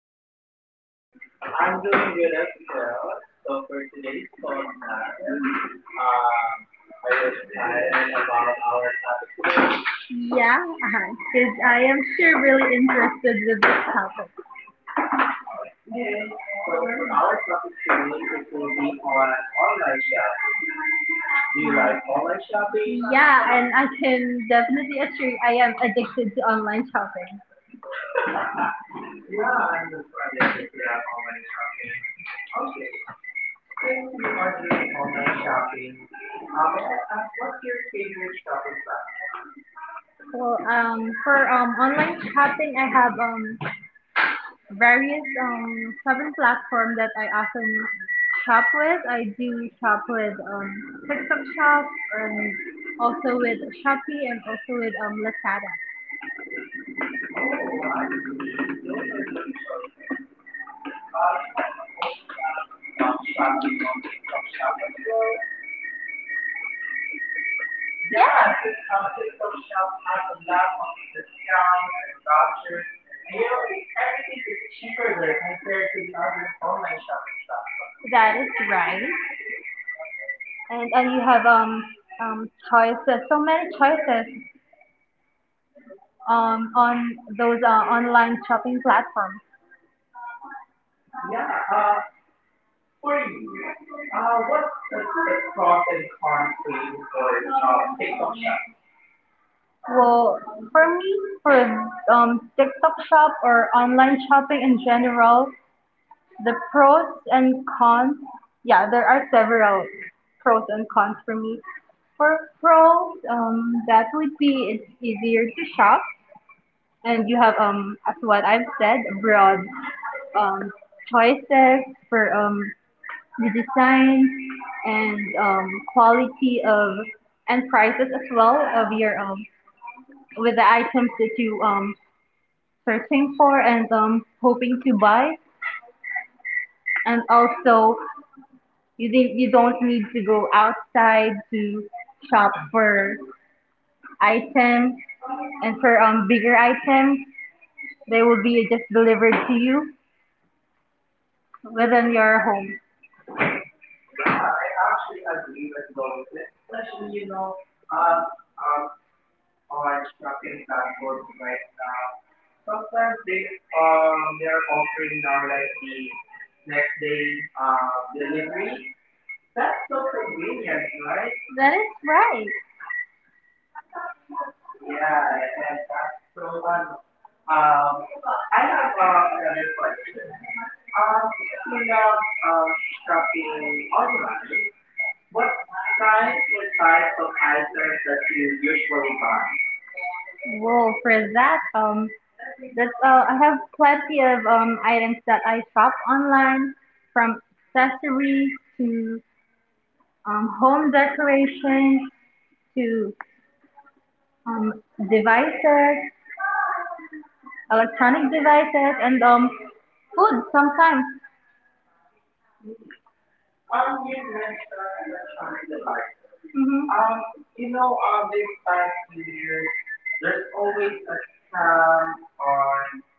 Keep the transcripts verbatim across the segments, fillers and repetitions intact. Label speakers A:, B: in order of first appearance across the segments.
A: you, Ken? I'm
B: I'm
A: doing
B: doing
A: good as
B: good as
A: well.
B: well.
A: So,
B: So for today's podcast,
A: um,
B: um,
A: are
B: are
A: you
B: you
A: excited
B: excited
A: about
B: about
A: our
B: our topic today?
A: Yeah, uh-huh. 'Cause I
B: Uh,
A: am sure really interested with this topic.
B: okay.
A: So
B: So for
A: our
B: our topic
A: training
B: today,
A: is
B: it will be
A: on
B: on
A: online
B: online
A: shopping.
B: shopping.
A: Do
B: Do
A: you
B: you
A: like
B: like online shopping?
A: Yeah, and I can definitely assure you I am addicted to online shopping.
B: Yeah,
A: Yeah.
B: I'm also addicted to that online shopping. Okay. Since you are doing online shopping, uh, may I ask what's your favorite shopping platform?
A: Well, um, for um, online shopping, I have um, various um, shopping platforms that I often shop with. I do shop with um, TikTok Shop and also with Shopee and also with um, Lazada.
B: Oh, I see. Those are good choices. Uh, you know, I also love um, shopping on TikTok Shop as well.
A: Yeah.
B: Yeah, since um, TikTok Shop has a lot of discounts and vouchers, and you know, and everything is cheaper there compared to the other online shopping platforms.
A: That is right. And and you have um um choices, so many choices um on those uh, online shopping platforms.
B: Yeah, uh, for
A: Pros
B: you, uh, what's are the pros
A: and
B: and
A: cons
B: cons
A: to
B: for
A: use
B: you
A: for um,
B: for um,
A: shopping?
B: TikTok Shop?
A: Well, for me, for um TikTok shop or online shopping in general, the pros and cons, yeah, there are several pros and cons for me. For pros, um, that would be it's easier to shop, and you have um, as what I've said, broad um choices for um the design and um quality of and prices as well of your um with the items that you um searching for and um hoping to buy, and also You didn't, you don't need to go outside to shop for items, and for um bigger items. They will be just delivered to you within your home.
B: Yeah, I actually agree with those, especially you know,
A: Uh,
B: um,
A: Um,
B: um,
A: Online
B: on
A: shopping
B: shopping platforms right
A: now.
B: now. Sometimes they
A: Um, they
B: um they
A: are
B: are
A: offering
B: offering
A: now
B: now
A: like
B: like the
A: the next
B: next day
A: uh,
B: um delivery.
A: set,
B: That's so convenient,
A: right.
B: right?
A: That is right.
B: Yeah, and that's so un.
A: Um,
B: Um,
A: I
B: I
A: have
B: have uh,
A: uh, another
B: another
A: question.
B: questions.
A: Um,
B: Um, since
A: you
B: you
A: love
B: love
A: uh,
B: um,
A: shopping
B: shopping
A: online,
B: online,
A: what
B: what
A: kinds
B: kinds
A: or
B: or
A: types
B: types
A: of
B: of
A: items
B: items
A: that
B: that
A: you
B: you
A: usually
B: usually
A: buy?
B: buy?
A: Well, for that, um, that's uh, I have plenty of um items that I shop online, from accessories to um, home decorations to um, devices. Electronic devices, and um, food sometimes.
B: Hmm. Um, you mentioned electronic devices.
A: Mhm. Um,
B: Um,
A: you
B: you
A: know,
B: know,
A: um,
B: um,
A: this
B: this
A: past
B: past few
A: years,
B: years,
A: there's
B: there's always a
A: time
B: scam
A: on
B: on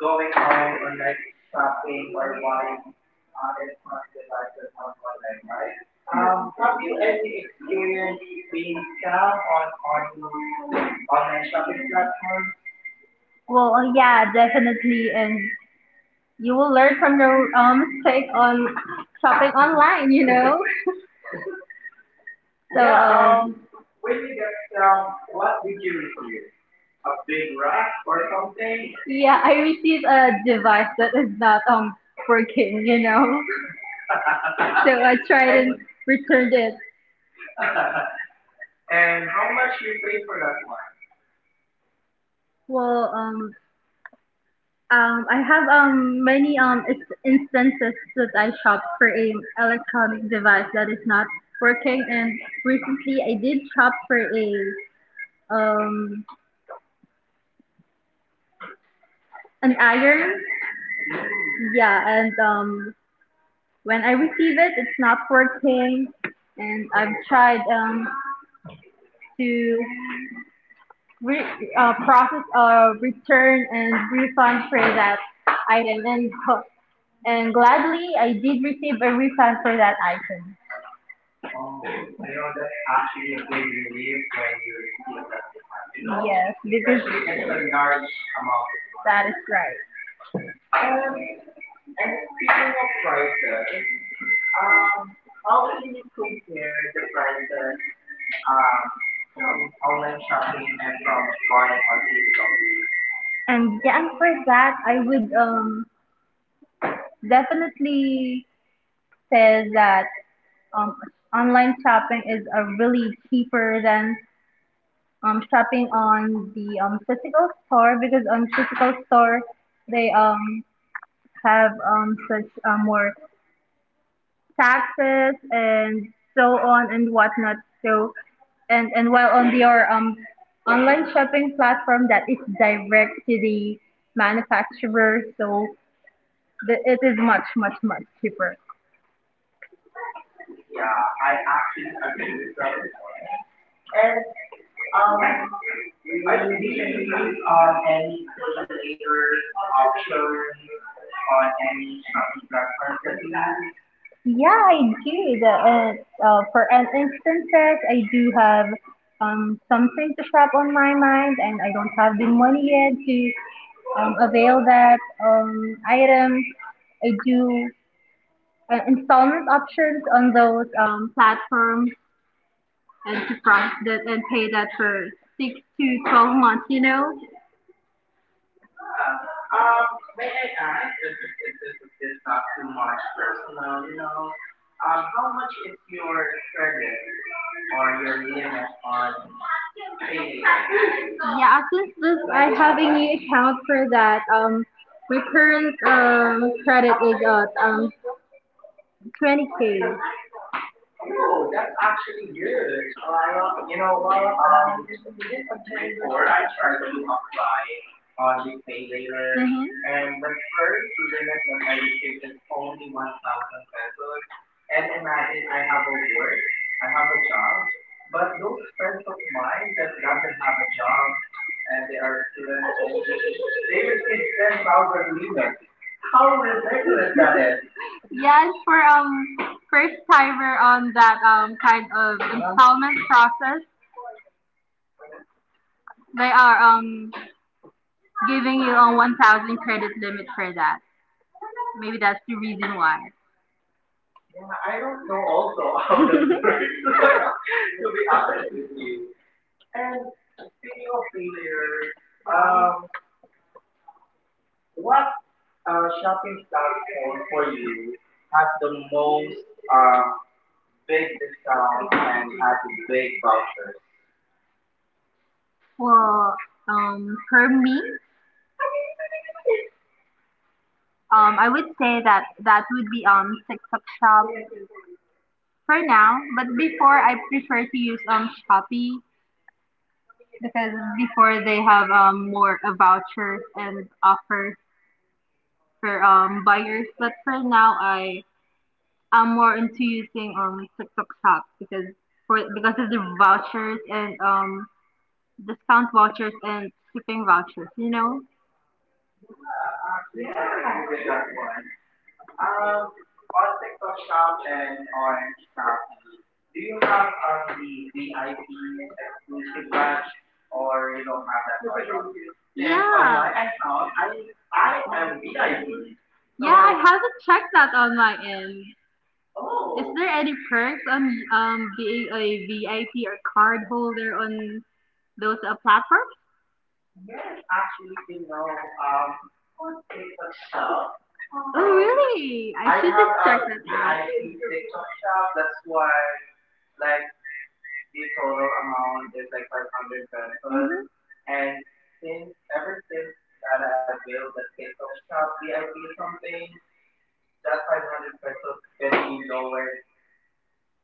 A: going
B: going
A: home
B: on
A: or
B: on
A: not
B: like
A: shop.
B: shopping or buying uh, electronic devices on online, right?
A: Um,
B: Um,
A: have
B: have
A: you
B: you
A: any
B: any
A: experience
B: experience
A: being
B: being
A: scammed
B: scammed
A: on
B: on on
A: online online
B: online
A: shopping
B: shopping
A: platforms?
B: platform?
A: Well, yeah, definitely. And you will learn from your um, mistake on shopping online, you know? So,
B: Yeah.
A: yeah. um, Um,
B: Um, when you get scammed, what did you receive? A big rock or something?
A: Yeah, I received a device that is not um working, you know. So I tried and
B: and
A: returned it.
B: and how much you paid for that one?
A: Well, um, um, I have um many um is- instances that I shop for a electronic device that is not working, and recently I did shop for a um an iron.
B: Mm.
A: Yeah, and um when I receive it, it's not working, and I've tried um, to re- uh, process a return and refund for that item, and and gladly I did receive a refund for that item.
B: Oh, you know, that's actually a big relief when you receive that refund, you know,
A: Yes, because
B: especially it's a large amount of
A: that
B: money.
A: is right. Um,
B: And
A: and
B: and
A: speaking
B: speaking
A: of
B: of
A: prices,
B: prices,
A: um,
B: um,
A: how
B: how can you compare the
A: prices,
B: prices um from
A: um,
B: online shopping and from buying on?
A: and yeah, and for that, I would um, definitely say that um, online shopping is a really cheaper than um, shopping on the um, physical store, because on physical store they um, have um, such uh, more taxes and so on and whatnot. So and and while on your um online shopping platform that is direct to the manufacturer, so the, it is much much much cheaper.
B: Yeah, I actually agree with that one.
A: And
B: And
A: um,
B: um,
A: I
B: I do you
A: recently
B: use
A: uh,
B: um any pay later
A: Offshore
B: options
A: on
B: on
A: any
B: any
A: shopping
B: shopping
A: platforms
B: platforms
A: that
B: that
A: you
B: we
A: use?
B: use?
A: Yeah, I did. Uh, uh, for an instances, I do have um, something to shop on my mind, and I don't have the money yet to um, avail that um, item. I do uh, installment options on those um, platforms and to cross that and pay that for six to twelve months. You know.
B: Yeah. Um, may I ask if if, if, if if this not too much personal, you know, um, how much is your credit or your limit on pay later?
A: Yeah, since this, I have a new account for that. Um, my current um credit is at um twenty k.
B: Oh, that's actually good. You know, um, Before I tried to apply on the pay later and the first limit that I received is only one thousand pesos and imagine I have a work, I have a job, but those friends of mine that doesn't have a job and they are students only, they
A: Mm-hmm.
B: receive ten thousand limit.
A: How
B: How
A: ridiculous
B: ridiculous
A: that
B: that
A: is.
B: is.
A: Yes, for um first timer on that um kind of installment process, they are um giving you a one thousand credit limit for that. Maybe that's the reason why.
B: Yeah, I don't know also how that works
A: You'll
B: to
A: be
B: be
A: honest
B: honest
A: with
B: with
A: you.
B: you. And speaking of pay laters,
A: Um,
B: um,
A: what
B: what
A: uh,
B: uh,
A: shopping
B: shopping
A: style is
B: platform for
A: for you?
B: you has the most
A: Um,
B: um, big
A: Discount
B: discounts
A: and
B: and
A: at
B: has
A: big
B: big
A: vouchers.
B: vouchers?
A: Well, um, for me, Um, I would say that that would be um TikTok Shop for now, but before I prefer to use um Shopee because before they have um more uh, vouchers and offers for um buyers. But for now, I am more into using um TikTok Shop because for because of the vouchers and um discount vouchers and shipping vouchers. You know.
B: Yeah, actually, I agree with that one. Um, on TikTok
A: Shop
B: Shop
A: and
B: and
A: on
B: on Shopee, do you
A: you have
B: have um
A: on
B: the V I P
A: the
B: exclusive batch or you don't have that option? Since on
A: Yeah.
B: my account, I I am V I P.
A: Yeah, I
B: So,
A: haven't checked that on my end. Is
B: oh,
A: there any perks on um being a V I P or card holder on those uh, platforms?
B: yes, actually, you know, um on TikTok Shop,
A: Oh,
B: um
A: really? I
B: I
A: should just
B: have
A: check
B: a
A: that out.
B: V I P TikTok Shop. That's why, like, the total amount is like five hundred pesos, and since ever since that I availed the tiktok shop vip something, that five hundred pesos can be
A: Mhm.
B: lowered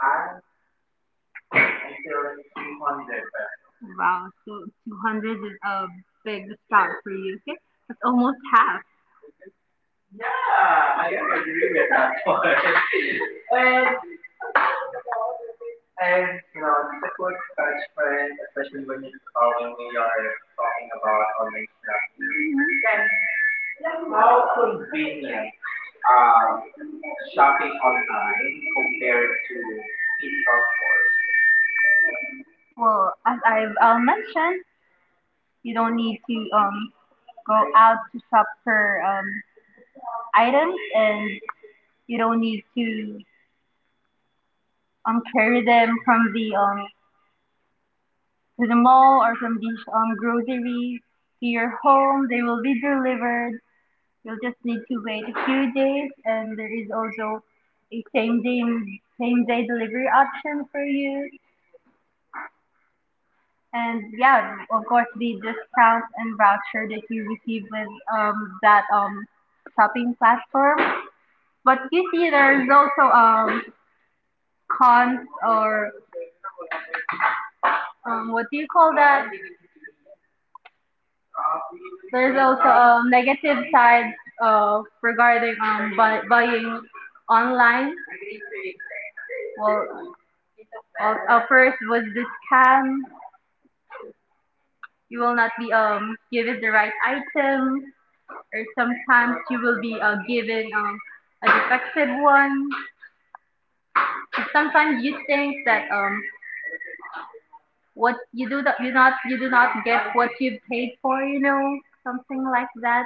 B: as until like three hundred pesos.
A: Wow, so two hundred is a big start for you, okay? That's almost half.
B: Yeah,
A: Ah, I
B: i,
A: am
B: I
A: agree
B: agree
A: with
B: with
A: that
B: that
A: point.
B: one.
A: And
B: and and
A: you
B: you
A: know,
B: know just
A: it's a
B: a
A: quick
B: quick
A: touch friend
B: question, especially when you uh,
A: calling
B: when
A: me
B: we are
A: or
B: talking about online shopping, how
A: how could
B: convenient
A: um,
B: um,
A: shopping
B: shopping
A: online
B: online
A: compared
B: compared
A: to
B: to
A: in-store
B: physical
A: stores.
B: stores.
A: Well, as I've uh, mentioned, you don't need to um, go out to shop for um, items, and you don't need to um carry them from the um to the mall or from the um grocery to your home. They will be delivered. You'll just need to wait a few days, and there is also a same day same day delivery option for you. And yeah, of course the discount and voucher that you receive with um that um shopping platform. But you see there's also um cons or um, what do you call that? There's also um, negative sides uh, regarding um, buy, buying online.
B: Mm-hmm.
A: Well, uh, uh, first was the scam. You will not be um, given the right item, or sometimes you will be uh, given um, a defective one.
B: Mm-hmm.
A: Sometimes you think that um, what you do that you not you do not get what you paid for. You know, something like that.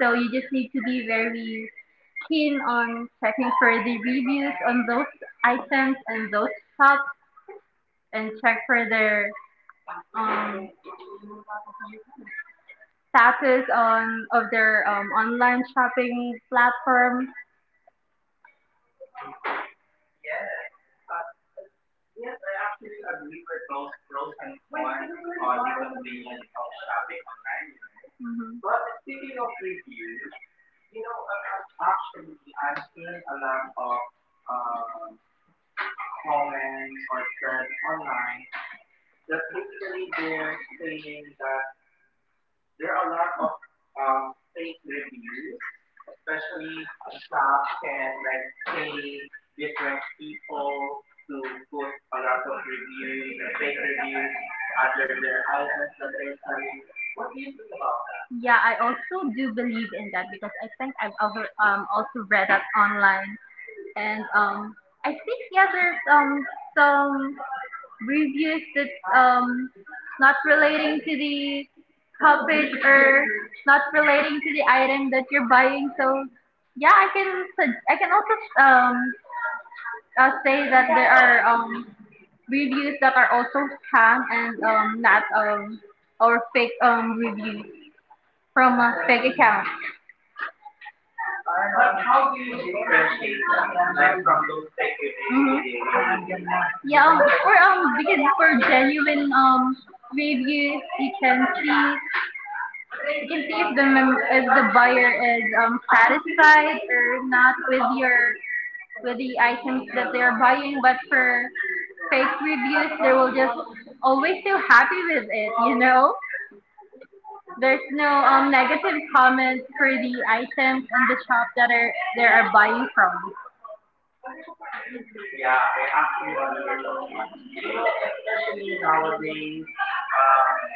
A: So you just need to be very keen on checking for the reviews on those items and those shops, and check for their um, status on of their um, online shopping platform.
B: Yes. Uh, as, yes, I actually agree with those pros and cons on the convenience of shopping online, you know. But speaking of reviews, you know, um, uh, actually, I'm seeing a lot of um, comments or threads online that basically they're saying that there are a lot of um,
A: um,
B: fake reviews, especially a shop can like pay different people to put a lot of reviews or fake reviews under their items that they're selling. What do you think about that?
A: Yeah, I also do believe in that because I think I've ever um, also read that online, and um I think yeah there's um some reviews that's um not relating to the topic or not relating to the item that you're buying, so yeah, I can sug- I can also um uh, say that there are um reviews that are also scam and um not um or fake um reviews from a fake accounts.
B: But how do you differentiate them, like from those fake reviews to
A: Mhm.
B: the real reviews?
A: Yeah, um, or um, because for genuine um reviews, you can see you can see if the mem- if the buyer is um satisfied or not with your with the items that they are buying. But for fake reviews, they will just always so happy with it. You know, there's no um negative comments for the items in the shop that are they are buying from.
B: Yeah, I actually agree with that one. You know, especially nowadays, um,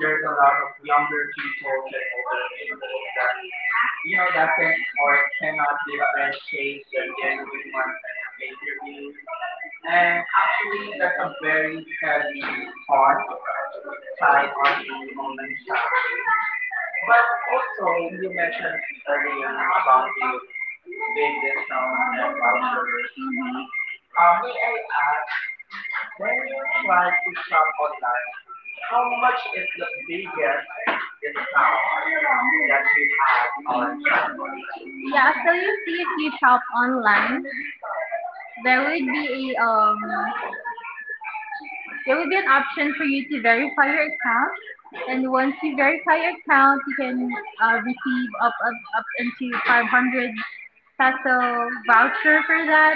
A: There's a
B: a
A: lot
B: lot
A: of
B: of
A: younger
B: younger
A: people
B: peoples
A: that
B: and older peoples that
A: you
B: you
A: know
B: know
A: that can
B: doesn't
A: or
B: or
A: cannot
B: cannot differentiate
A: differentiate.
B: the genuine ones and the fake reviews.
A: And
B: And actually,
A: actually, that's
B: that's a
A: a very
B: very heavy
A: heavy part
B: cons
A: tied
B: side
A: on
B: on the
A: human
B: online
A: child.
B: shopping. But
A: But
B: also you
A: also
B: mentioned
A: learning
B: earlier
A: about
B: about
A: the
B: the
A: big
B: big discounts
A: sound and
B: and vouchers.
A: cultures.
B: Uh,
A: Uh, may
B: may
A: I
B: I ask,
A: ask, when
B: when
A: you
B: you
A: try
B: tried
A: to
B: to
A: shop
B: shop
A: online,
B: online,
A: how
B: how
A: much
B: much is
A: is
B: the
A: the Yes,
B: biggest
A: it's now
B: discount
A: that
B: that
A: you
B: you had
A: have on
B: on shopping online?
A: Shopify. Yeah, so you see if you shop online, there would be a um there would be an option for you to verify your account. And once you verify your account, you can uh, receive up, up up into five hundred peso voucher for that,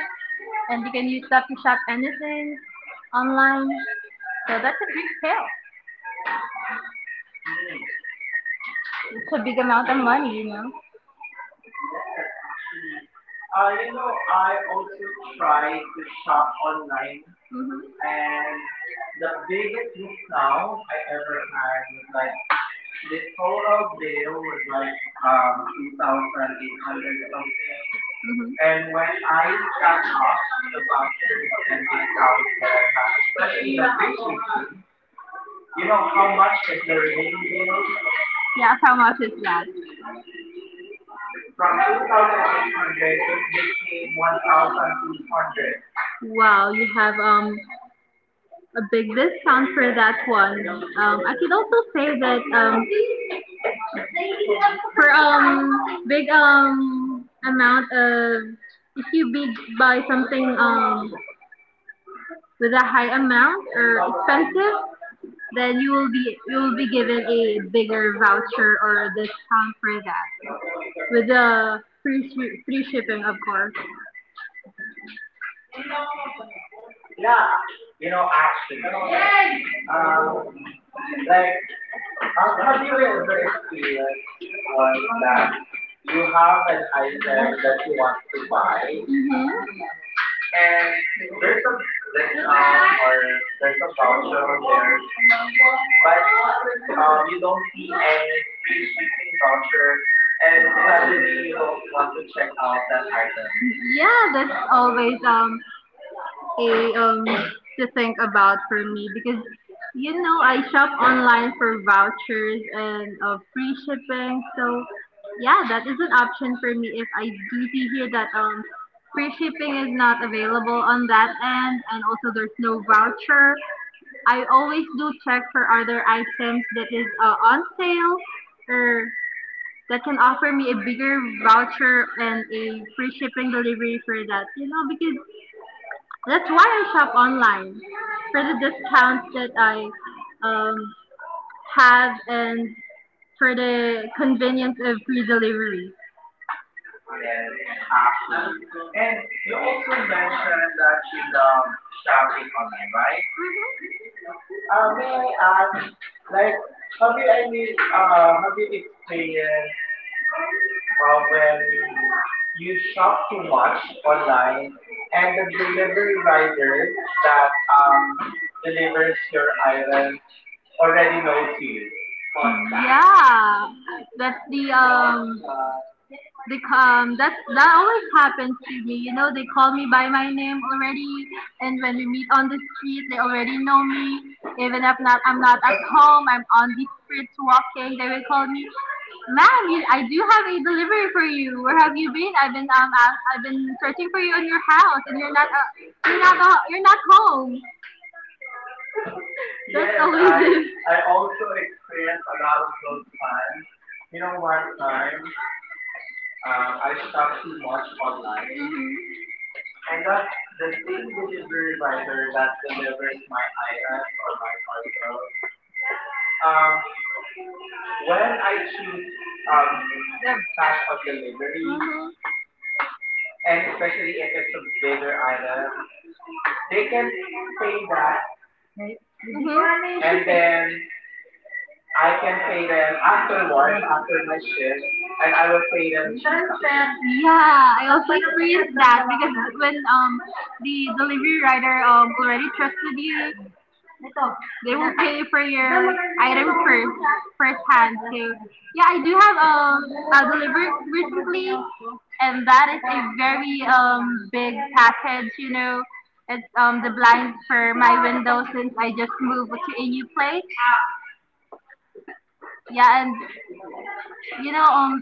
A: and you can use that to shop anything online. So that's a big sale.
B: Hmm.
A: It's a big amount of money, you know.
B: Yes, actually, uh,
A: So
B: you know,
A: I
B: I
A: also
B: also
A: tried
B: tried
A: to
B: to
A: shop
B: shop
A: on
B: online,
A: Mm-hmm. and
B: and
A: the
B: the biggest
A: best now
B: discount
A: I
B: I
A: ever
B: ever
A: had
B: had
A: was
B: was like
A: like this
B: the total
A: little bit
B: bill was like
A: like um
B: um
A: two
B: two
A: thousand
B: thousand eight
A: eight hundred
B: hundred
A: something.
B: something,
A: Mm-hmm. And
B: and
A: when
B: when
A: I
B: I
A: got
B: stack
A: off
B: up the
A: the vouchers
B: vouchers
A: and
B: and
A: discounts
B: discounts that
A: that I
B: I
A: had,
B: have, especially
A: especially in
B: the free
A: Christmas,
B: shipping,
A: you
B: you know
A: know
B: how
A: how much
B: much
A: is
B: is
A: the
B: the
A: remaining
B: remaining
A: bill?
B: bill?
A: Yeah, how much is that? From
B: From
A: two thousand eight hundred
B: two thousand eight hundred, it
A: it
B: became
A: became one thousand two hundred.
B: one thousand two hundred.
A: Wow, you have um a big discount for that one. Um, I could also say that um for um big um amount of if you big buy something um with a high amount or expensive, then you will be you will be given a bigger voucher or discount for that with the free shi- free shipping, of course.
B: Yeah,
A: Yeah,
B: uh, you know,
A: actually.
B: actually, um,
A: Um, like
B: like, um, have
A: after you
B: you
A: ever
B: ever
A: experience
B: experienced
A: was
B: once that
A: that you
B: you
A: have
B: have
A: an
B: an
A: item
B: item
A: that
B: that you
A: you
B: want
A: want
B: to
A: to
B: buy
A: buy, and
B: and there's
A: there's a
B: a discount
A: discount or
B: or there's
A: there's
B: a
A: a
B: voucher
A: voucher on
B: on
A: there,
B: there, but
A: but um,
B: um, you
A: you
B: don't
A: don't see
B: see
A: any
B: any free
A: free shipping
B: shipping
A: voucher,
B: voucher,
A: and
B: and suddenly
A: suddenly
B: you
A: you don't
B: don't
A: want
B: want to
A: to check
B: check
A: out
B: out
A: that
B: that
A: item.
B: item.
A: Yeah, that's always um a um to think about for me, because you know I shop online for vouchers and uh, free shipping. So yeah, that is an option for me if I do see here that um free shipping is not available on that end and also there's no voucher. I always do check for other items that is uh, on sale or that can offer me a bigger voucher and a free shipping delivery for that. You know, because that's why I shop online for the discounts that I um, have, and for the convenience of free delivery.
B: Yes, actually.
A: Absolutely. And
B: And
A: you
B: you
A: also
B: also
A: mentioned
B: mentioned
A: that
B: that
A: you
B: you
A: love
B: love shopping
A: shopping
B: online,
A: online, right?
B: right? Uh,
A: Uh, may
B: may
A: I
B: I
A: ask,
B: ask,
A: like,
B: like,
A: have
B: have
A: you
B: you
A: any,
B: any,
A: uh,
B: uh, have
A: have
B: you
A: you experienced
B: experienced uh,
A: uh, when
B: when you
A: you
B: shop
A: shop
B: too
A: too much
B: much online
A: online, and
B: and the
A: the
B: delivery
A: delivery rider
B: rider that
A: that
B: um,
A: um, delivers
B: delivers
A: your
B: your
A: item
B: items already
A: already
B: knows
A: knows you?
B: you?
A: Yeah, that's the um they um that that always happens to me. You know, they call me by my name already, and when we meet on the street, they already know me. Even if not, I'm not at home. I'm on the streets walking. They will call me, "Ma'am, you, I do have a delivery for you. Where have you been? I've been um out- I've been searching for you in your house, and you're not uh, you're not uh, you're not home." That's Yes,
B: Yes,
A: always I
B: I
A: it. I
B: I
A: also
B: also experienced
A: experienced a
B: a
A: lot
B: lot
A: of
B: of those
A: those times.
B: times.
A: You
B: You know,
A: know,
B: one
A: one time,
B: time,
A: um,
B: Um,
A: I
B: I shop
A: stopped
B: too
A: too much
B: much
A: online.
B: online,
A: Mm-hmm. And
B: and that
A: that's
B: the
A: the thing
B: same
A: which is the
B: delivery
A: reminder
B: rider
A: that
B: that
A: delivers
B: delivers
A: my
B: my
A: island
B: items
A: or
B: or
A: my
B: my
A: parcel.
B: parcels.
A: Um,
B: Um,
A: when
B: when
A: I
B: I
A: choose
B: choose
A: um,
B: um
A: The, cash
B: cash
A: on
B: on
A: delivery.
B: delivery,
A: Mm-hmm. And
B: and
A: especially
B: especially
A: if
B: if it's
A: it's
B: a
A: a bigger
B: bigger
A: item,
B: item, they
A: they can
B: can
A: pay
B: pay
A: that.
B: that,
A: Right. Mm-hmm.
B: and
A: And
B: then
A: then
B: I
A: I
B: can
A: can
B: pay
A: pay them
B: them
A: after
B: afterwards
A: work, after
B: after my
A: my shift,
B: shift, and
A: and
B: I
A: I
B: will
A: will
B: pay
A: pay
B: them
A: them.
B: Gcash.
A: Yeah, I also experienced that because when um the delivery rider um already trusted you, they will pay for your item first, first hand. So yeah, I do have um a delivery recently, and that is a very um big package. You know, it's um the blinds for my window since I just moved to a new place. Yeah, and you know, um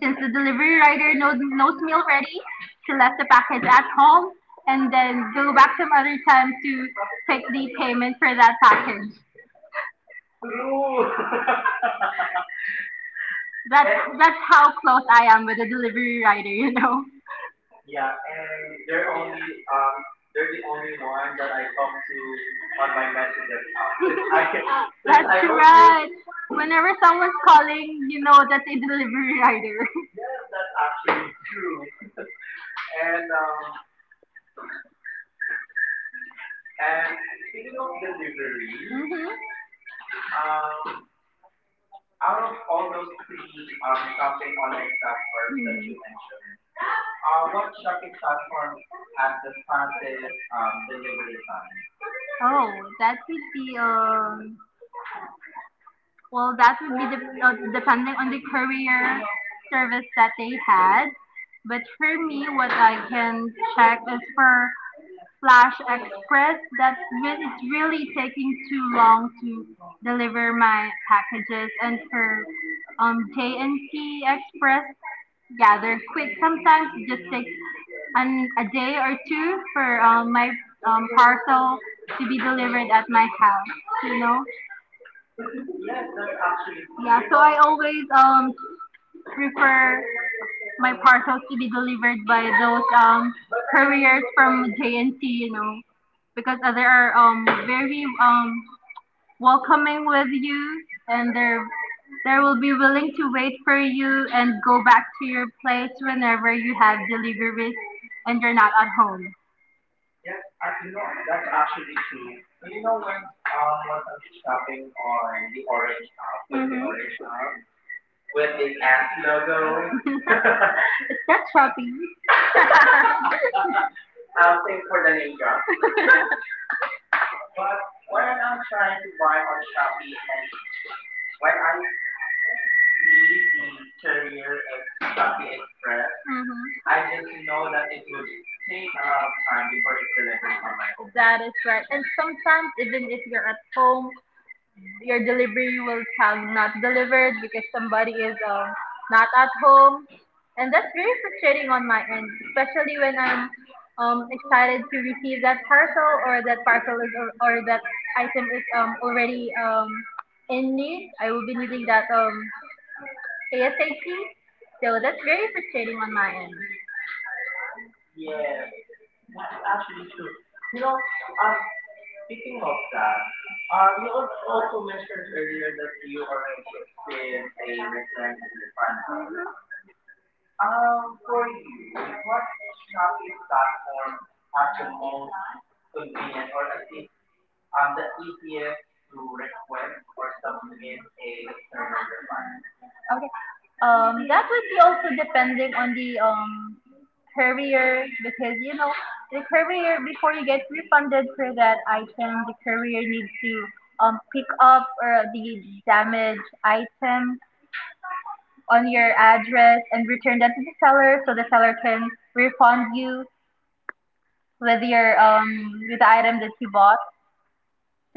A: since the delivery rider knows, knows me already, she left the package at home and then go back some other time to take the payment for that package.
B: True.
A: That's
B: Eh,
A: that's how close I am with the delivery rider, you know. Yeah,
B: Yeah,
A: and
B: and
A: they're
B: they're
A: only
B: only
A: um
B: um they're
A: they're
B: the
A: the
B: only
A: only one
B: one
A: that
B: that
A: I
B: I
A: talk
B: talk
A: to
B: to
A: on
B: on my
A: my
B: messages
A: messages
B: app
A: app.
B: since
A: Since I
B: I
A: since.
B: since
A: That's I
B: I
A: only
B: don't use.
A: right. Whenever someone's calling, you know that's a delivery rider. Yes,
B: Yes,
A: that's
B: that's actually
A: actually true.
B: true.
A: and
B: and
A: um
B: um and
A: and speaking
B: speaking
A: of
B: of
A: delivery.
B: delivery,
A: Mm-hmm. Um
B: um out of
A: all
B: all
A: those
B: those three
A: um
B: um shopping
A: shopping
B: online
A: online
B: platforms
A: platforms that
B: that you
A: you.
B: mentioned, uh what
A: Mm.
B: shopping platform
A: Platforms
B: has
A: have the
B: the fastest
A: fastest um
B: um
A: delivery
B: delivery
A: time.
B: time?
A: Oh, that would be um well, that would be de- uh, depending on the career service that they had. But for me, what I can check is for Flash Express. That's re- it's really taking too long to deliver my packages, and for um j and J N C Express, yeah, they're quick sometimes. Just an, a day or two for um, my um, parcel to be delivered at my house. You know,
B: Yes, that's actually true. You
A: so I
B: know,
A: always um prefer my parcels to be delivered by those um couriers from J N T, you know, because uh, they are um very um welcoming with you, and they're they will be willing to wait for you and go back to your place whenever you have deliveries and you're not at home.
B: Yes, I, you know that's actually true. Uh, You know, once um once I'm
A: Shopping
B: shopping
A: on
B: on
A: the
B: the
A: Orange
B: Orange app
A: app,
B: with
A: with the,
B: the
A: mhm, Orange
B: Orange app with
A: app.
B: the S logo.
A: It's it's not shopping. I'll
B: Um
A: pay
B: thanks for
A: for the
B: the name
A: name drop.
B: drop. But when I'm
A: Trying
B: trying
A: to
B: to
A: buy
B: buy
A: on
B: on
A: Shopee,
B: Shopee
A: and
B: and
A: when
B: when
A: I
B: I
A: see
B: see the
A: the career,
B: courier as Shopee Express,
A: Mm-hmm. I
B: I just
A: just
B: know that it
A: would
B: would
A: take
B: take a
A: a
B: lot
A: lot of
B: of
A: time
B: time
A: before
B: before
A: it
B: it
A: could.
B: delivers on my home.
A: That is right. And sometimes, even if you're at home, your delivery will tag not delivered because somebody is, um, not at home. And that's very frustrating on my end, especially when I'm um, excited to receive that parcel, or that parcel is or, or that item is um, already um, in me. I will be needing that um, ASAP. So that's very frustrating on my end.
B: Yes, that's actually
A: Actually,
B: true.
A: you
B: You
A: know,
B: know,
A: uh,
B: um,
A: speaking
B: Speaking of
A: of that,
B: that,
A: uh,
B: um,
A: we
B: you al-
A: al- also
B: also mentioned earlier
A: heard
B: that
A: that we
B: you already experienced a return and refund,
A: find out,
B: right?
A: hmm
B: Um,
A: um,
B: for you, what shopping
A: that
B: platform has the
A: actually.
B: most convenient or at least um, the easiest to request or submit a return and refund?
A: Okay. Um, that would be also depending on the um career, because you know the career, before you get refunded for that item, the career needs to um pick up or the damaged item on your address and return that to the seller, so the seller can refund you with your um with the item that you bought.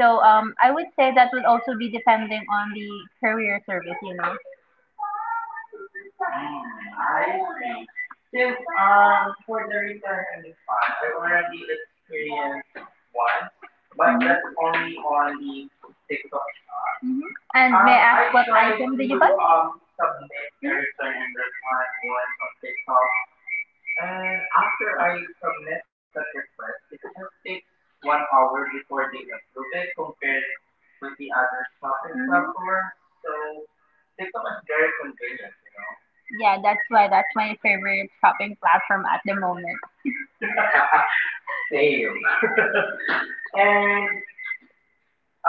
A: So um I would say that would also be depending on the courier service, you know.
B: Hmm, I see. Since um for the return and refund, I
A: I
B: already
A: already experienced
B: experienced once,
A: once,
B: but
A: but that's
B: that's only
A: only
B: on
A: on
B: the
A: the
B: TikTok
A: TikTok.
B: shop.
A: hmm And Um, may
B: Um,
A: I
B: I
A: ask, I what
B: tried
A: item
B: to
A: did you buy?
B: um
A: Um, submit
B: submit
A: a
B: a return
A: return
B: and
A: and
B: refund
A: refund
B: once
A: once
B: on
A: on
B: TikTok,
A: TikTok.
B: and
A: And
B: after
A: after
B: I submit
A: submit
B: that
A: that
B: request,
A: request,
B: it
A: it
B: just
A: just
B: takes
A: takes
B: one
A: one
B: hour
A: hour
B: before
A: before
B: they
A: they
B: approve
A: approve
B: it
A: it
B: compared
A: compared
B: with
A: with
B: the
A: the
B: other
A: other
B: shopping
A: shopping, mhm,
B: platforms.
A: platforms.
B: So
A: So
B: TikTok
A: TikTok
B: is
A: is
B: very
A: very
B: convenient,
A: convenient,
B: you
A: you know.
B: know.
A: Yeah, that's why that's my favorite shopping platform at the moment.
B: Same.
A: Same.
B: and
A: And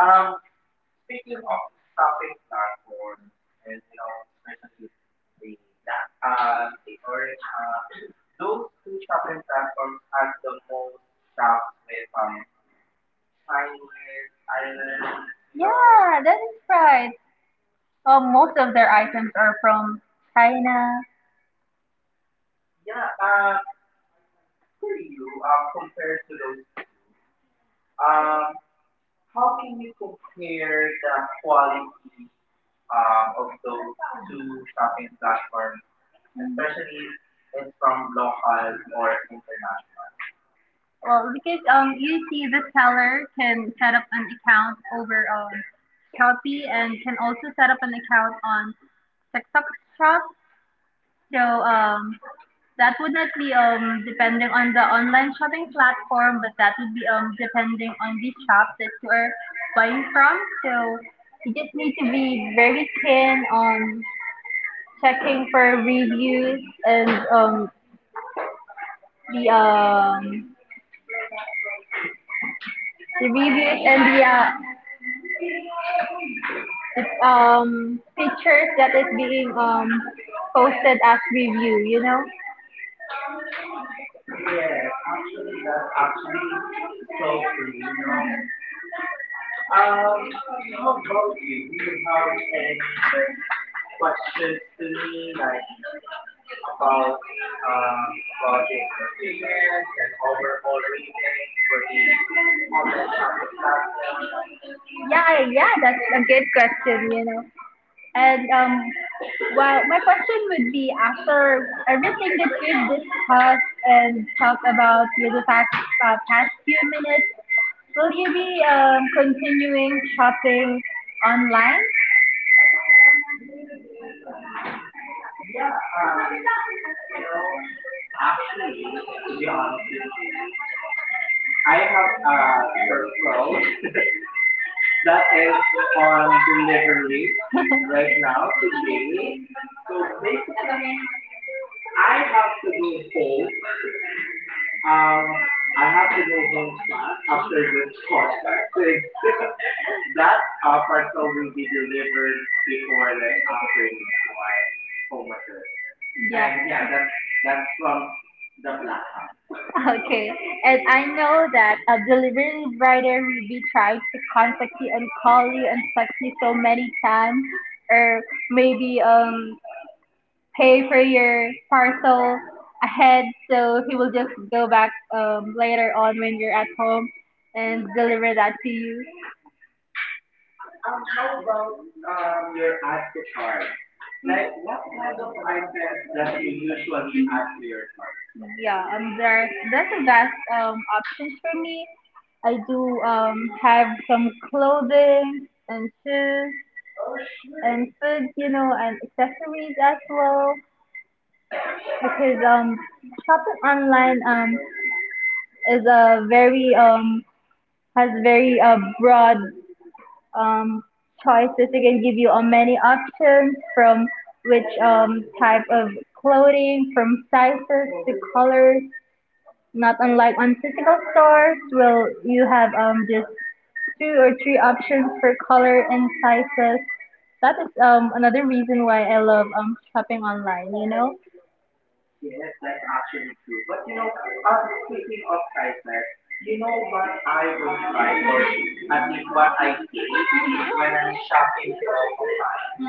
A: um,
B: speaking
A: speaking
B: of
A: of
B: the
A: this
B: shopping
A: topic now,
B: platforms, and you know, especially the black app,
A: uh,
B: the
A: or-
B: orange
A: uh,
B: app,
A: those
B: those two shopping
A: platforms
B: platforms
A: have
B: has the
A: the
B: most shops
A: shops
B: with
A: with um,
B: um Chinese items. You know,
A: Yeah, that is right. Uh, most of their items are from China.
B: yeah. Uh,
A: uh,
B: for you, um,
A: um,
B: compared to those two, um.
A: um,
B: how
A: how
B: can
A: can
B: you
A: you
B: compare
A: compare
B: the
A: the quality
B: quality
A: um,
B: um, of
A: of
B: those
A: those
B: two
A: two
B: shopping
A: shopping platforms,
B: platforms, especially it's from
A: from
B: local
A: local or
B: or
A: international?
B: international?
A: Well, because um, you see, the seller can set up an account over um Shopee, and can also set up an account on TikTok Shop. So um, that would not be um depending on the online shopping platform, but that would be um depending on the shop that you are buying from. So you just need to be very keen on checking for reviews and um the um the reviews and the uh, It's um pictures that is being um posted as review, you know?
B: Yes, actually,
A: Um,
B: that's actually so true.
A: um
B: You know,
A: how about
B: um, how
A: about about
B: about
A: you?
B: you? Do
A: you Do
B: you
A: you have
B: have
A: any,
B: any like
A: like, questions
B: questions to
A: to
B: me,
A: me,
B: like
A: like
B: about
A: the
B: um about the
A: the
B: experience
A: experience
B: and
A: and
B: overall
A: overall reasons
B: ratings for
A: for the
B: the online
A: online
B: shopping
A: shopping
B: platforms?
A: platform? Yeah, yeah, that's a good question, you know. And um, well, my question would be, after everything that we've discussed and talked about with the past, uh, past few minutes, will you be um, continuing shopping online?
B: Yeah, uh, you know, actually, to be honest with you,
A: I
B: I
A: have
B: have a
A: a
B: parcel
A: workflow
B: that
A: that
B: is
A: is on
B: on delivery
A: delivery
B: right
A: right
B: now
A: now
B: today.
A: today.
B: So
A: So basically,
B: basically, I
A: I have
B: have to
A: to go
B: go home.
A: home. Um,
B: Um, I
A: I
B: have
A: have
B: to
A: to
B: go
A: go
B: home
A: home to
B: fast after
A: the
B: this podcast since
A: podcast.
B: that
A: That
B: uh,
A: uh,
B: parcel
A: parcel
B: will
A: will
B: be
A: be delivered
B: delivered before
A: before
B: like
A: the offering
B: afternoon
A: it
B: to
A: to my
B: my home
A: order.
B: address. And
A: Yeah. And
B: yeah,
A: yeah,
B: that's
A: that's
B: that's
A: that's from.
B: from the black app.
A: Okay. And I know that a delivery rider will be trying to contact you and call you and text you so many times, or maybe um pay for your parcel ahead, so he will just go back um, later on when you're at home and deliver that to you.
B: Um, how about um your add to
A: Alright.
B: carts? Like
A: Like
B: what kind of
A: I
B: items
A: said,
B: that
A: that's
B: you
A: the usual
B: usually
A: we
B: add
A: add
B: to
A: to
B: your
A: your
B: cart?
A: cart. Yeah, um, there that's the best um options for me. I do um have some clothing and shoes and food, you know, and accessories as well, because um shopping online um is a very um has very uh, broad um, choices. It can give you uh, many options, from which um, type of clothing, from sizes to colors. Not unlike on physical stores, will you have, um, just two or three options for color and sizes. That is um, another reason why I love um, shopping online, you know.
B: Yes, that's actually true. But you
A: You know,
B: know,
A: um,
B: um speaking
A: speaking
B: of
A: of prices,
B: sizes, you know
A: what
B: what I
A: I
B: don't
A: would buy
B: like
A: for
B: or
A: you,
B: at
A: and
B: least
A: it's
B: what
A: what
B: I
A: I
B: hate
A: see
B: when
A: when
B: I'm
A: I'm
B: shopping
A: shopping for
B: clothes
A: a.
B: online?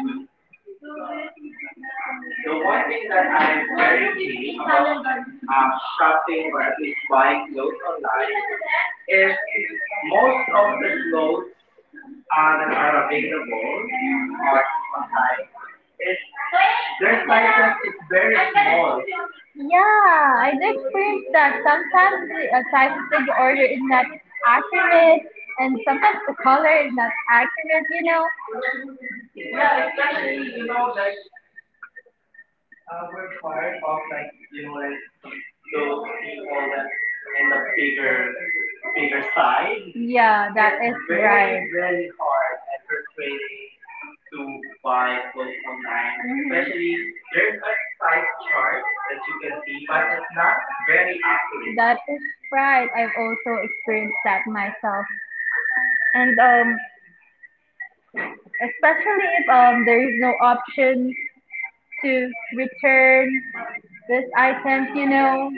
B: The one thing that
A: I
B: I
A: am
B: very
A: very
B: hate
A: keen
B: about
A: about
B: um
A: um,
B: shopping
A: shopping
B: or
A: or
B: at
A: at
B: least
A: least
B: buying
A: buying
B: clothes
A: clothes
B: online
A: online
B: is
A: is
B: most
A: most
B: of
A: of
B: the
A: the clothes
B: clothes uh,
A: uh,
B: that
A: that
B: are
A: are available
B: available
A: on
B: on
A: online
B: online is
A: is
B: their
A: their
B: sizes
A: sizes
B: is
A: is
B: very
A: very
B: small.
A: small. Yeah, I do experience that. Sometimes the uh, sizes that you order is not accurate, and sometimes the color is not accurate, you know.
B: Yeah, especially you know like
A: Just
B: uh, we're part of
A: about,
B: like
A: like,
B: you
A: you
B: know
A: know,
B: like
A: like,
B: those people that
A: clothes
B: in
A: in
B: the
A: the bigger
B: bigger bigger
A: bigger side.
B: side.
A: Yeah, that
B: It's
A: is. It's is very,
B: very
A: right.
B: very
A: Very
B: hard
A: hard
B: and
A: and frustrating
B: frustrating
A: to
B: to
A: buy
B: buy clothes
A: clothes online.
B: online.
A: Mhm.
B: Especially
A: Especially
B: there's
A: there's
B: a
A: a
B: size
A: size
B: chart
A: chart that
B: you
A: you
B: can
A: can
B: see,
A: see,
B: but
A: but
B: it's
A: it's
B: not
A: not
B: very
A: very
B: accurate.
A: accurate. That is right. I've also experienced that myself. And um, especially if um, there is no option to return this item, you know.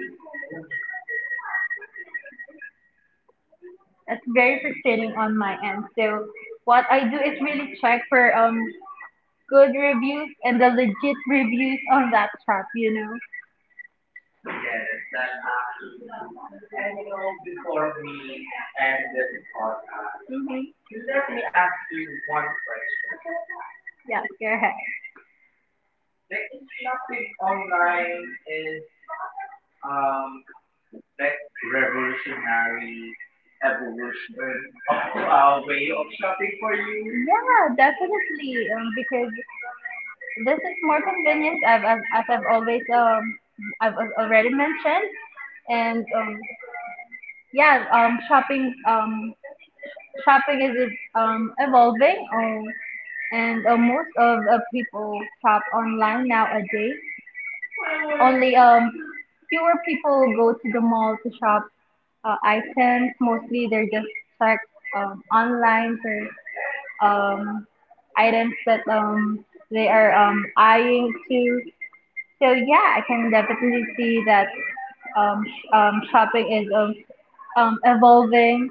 A: That's very frustrating on my end. So what I do is really check for um good reviews and the legit reviews on that shop, you know.
B: Yes, that's actually true. And you know, before we end this podcast,
A: Mhm.
B: let me ask you one question.
A: Yeah, go ahead.
B: Like, is
A: Yeah,
B: shopping online
A: definitely.
B: is um
A: Um,
B: like revolutionary evolution of a way of shopping for you?
A: because this is more convenient, I've, as, as I've always um I've al- already mentioned, and um, yeah, um, shopping um, shopping is um, evolving, um, and uh, most of uh, people shop online nowadays. Only um, fewer people go to the mall to shop uh, items. Mostly they're just check um, online for um, items that um, they are um, eyeing to. So yeah, I can definitely see that um, sh- um, shopping is um, um, evolving.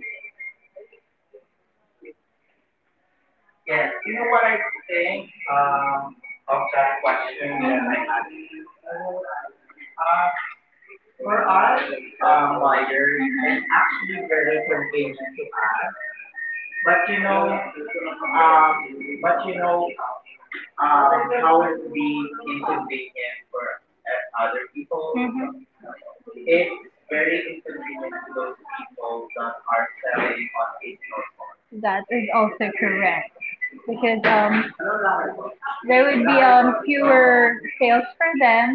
A: Yes,
B: Yes, you
A: you
B: know
A: know
B: what
A: what
B: I
A: I
B: think
A: think
B: um
A: um,
B: of
A: of
B: that
A: that
B: question
A: question
B: that
A: that
B: I
A: I had?
B: asked you. Uh,
A: Uh,
B: for
A: for
B: us
A: us,
B: um
A: um,
B: buyers,
A: lawyers,
B: it's
A: it's
B: actually
A: actually
B: very
A: very convenient.
B: convenient to us. But
A: But
B: you
A: you know,
B: know, um,
A: um,
B: but you
A: but you
B: know,
A: know,
B: um,
A: um,
B: how
A: how
B: it
A: it
B: be
A: be
B: inconvenient
A: inconvenient for
B: for uh,
A: us,
B: other
A: other people.
B: people.
A: Mhm. It's
B: It's very
A: very
B: inconvenient
A: inconvenient
B: to
A: to
B: those
A: those who
B: people that are
A: are
B: selling on
A: selling
B: physical
A: on.
B: stores.
A: That is also correct, because um, there would be um fewer sales for them.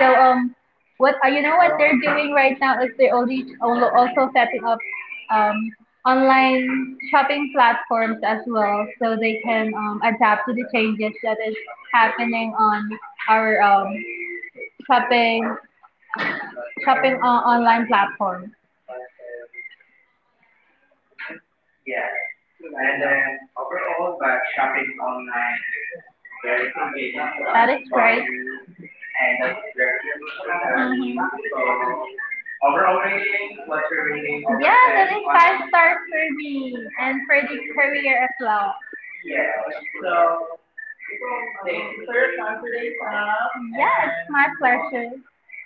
A: So um, what uh, you know what they're doing right now is they're only al- also setting up um online shopping platforms as well, so they can um, adapt to the changes that is happening on our um shopping shopping on online platform.
B: Yes. And then
A: Then
B: overall,
A: go
B: but
A: back
B: shopping
A: shopping
B: online
A: online is
B: is very
A: very
B: convenient
A: convenient.
B: to
A: That
B: us
A: is for right.
B: buyers, and
A: And
B: that is
A: that's
B: very
A: very good.
B: revolutionary.
A: Mhm.
B: So, overall
A: Overall
B: ratings,
A: rating,
B: what's
A: what's
B: your
A: your
B: rating
A: rating?
B: over
A: Yeah,
B: ten
A: that is
B: on
A: five
B: online
A: stars
B: shopping?
A: for me and for the career as well.
B: Yes. So,
A: So,
B: thank you for your time today, Sam.
A: yes,
B: And,
A: my pleasure.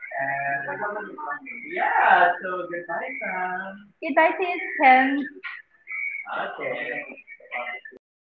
B: and yeah,
A: yeah, so
B: so goodbye,
A: goodbye,
B: Sam.
A: friends. Did I say ten?
B: Okay.
A: Thank you.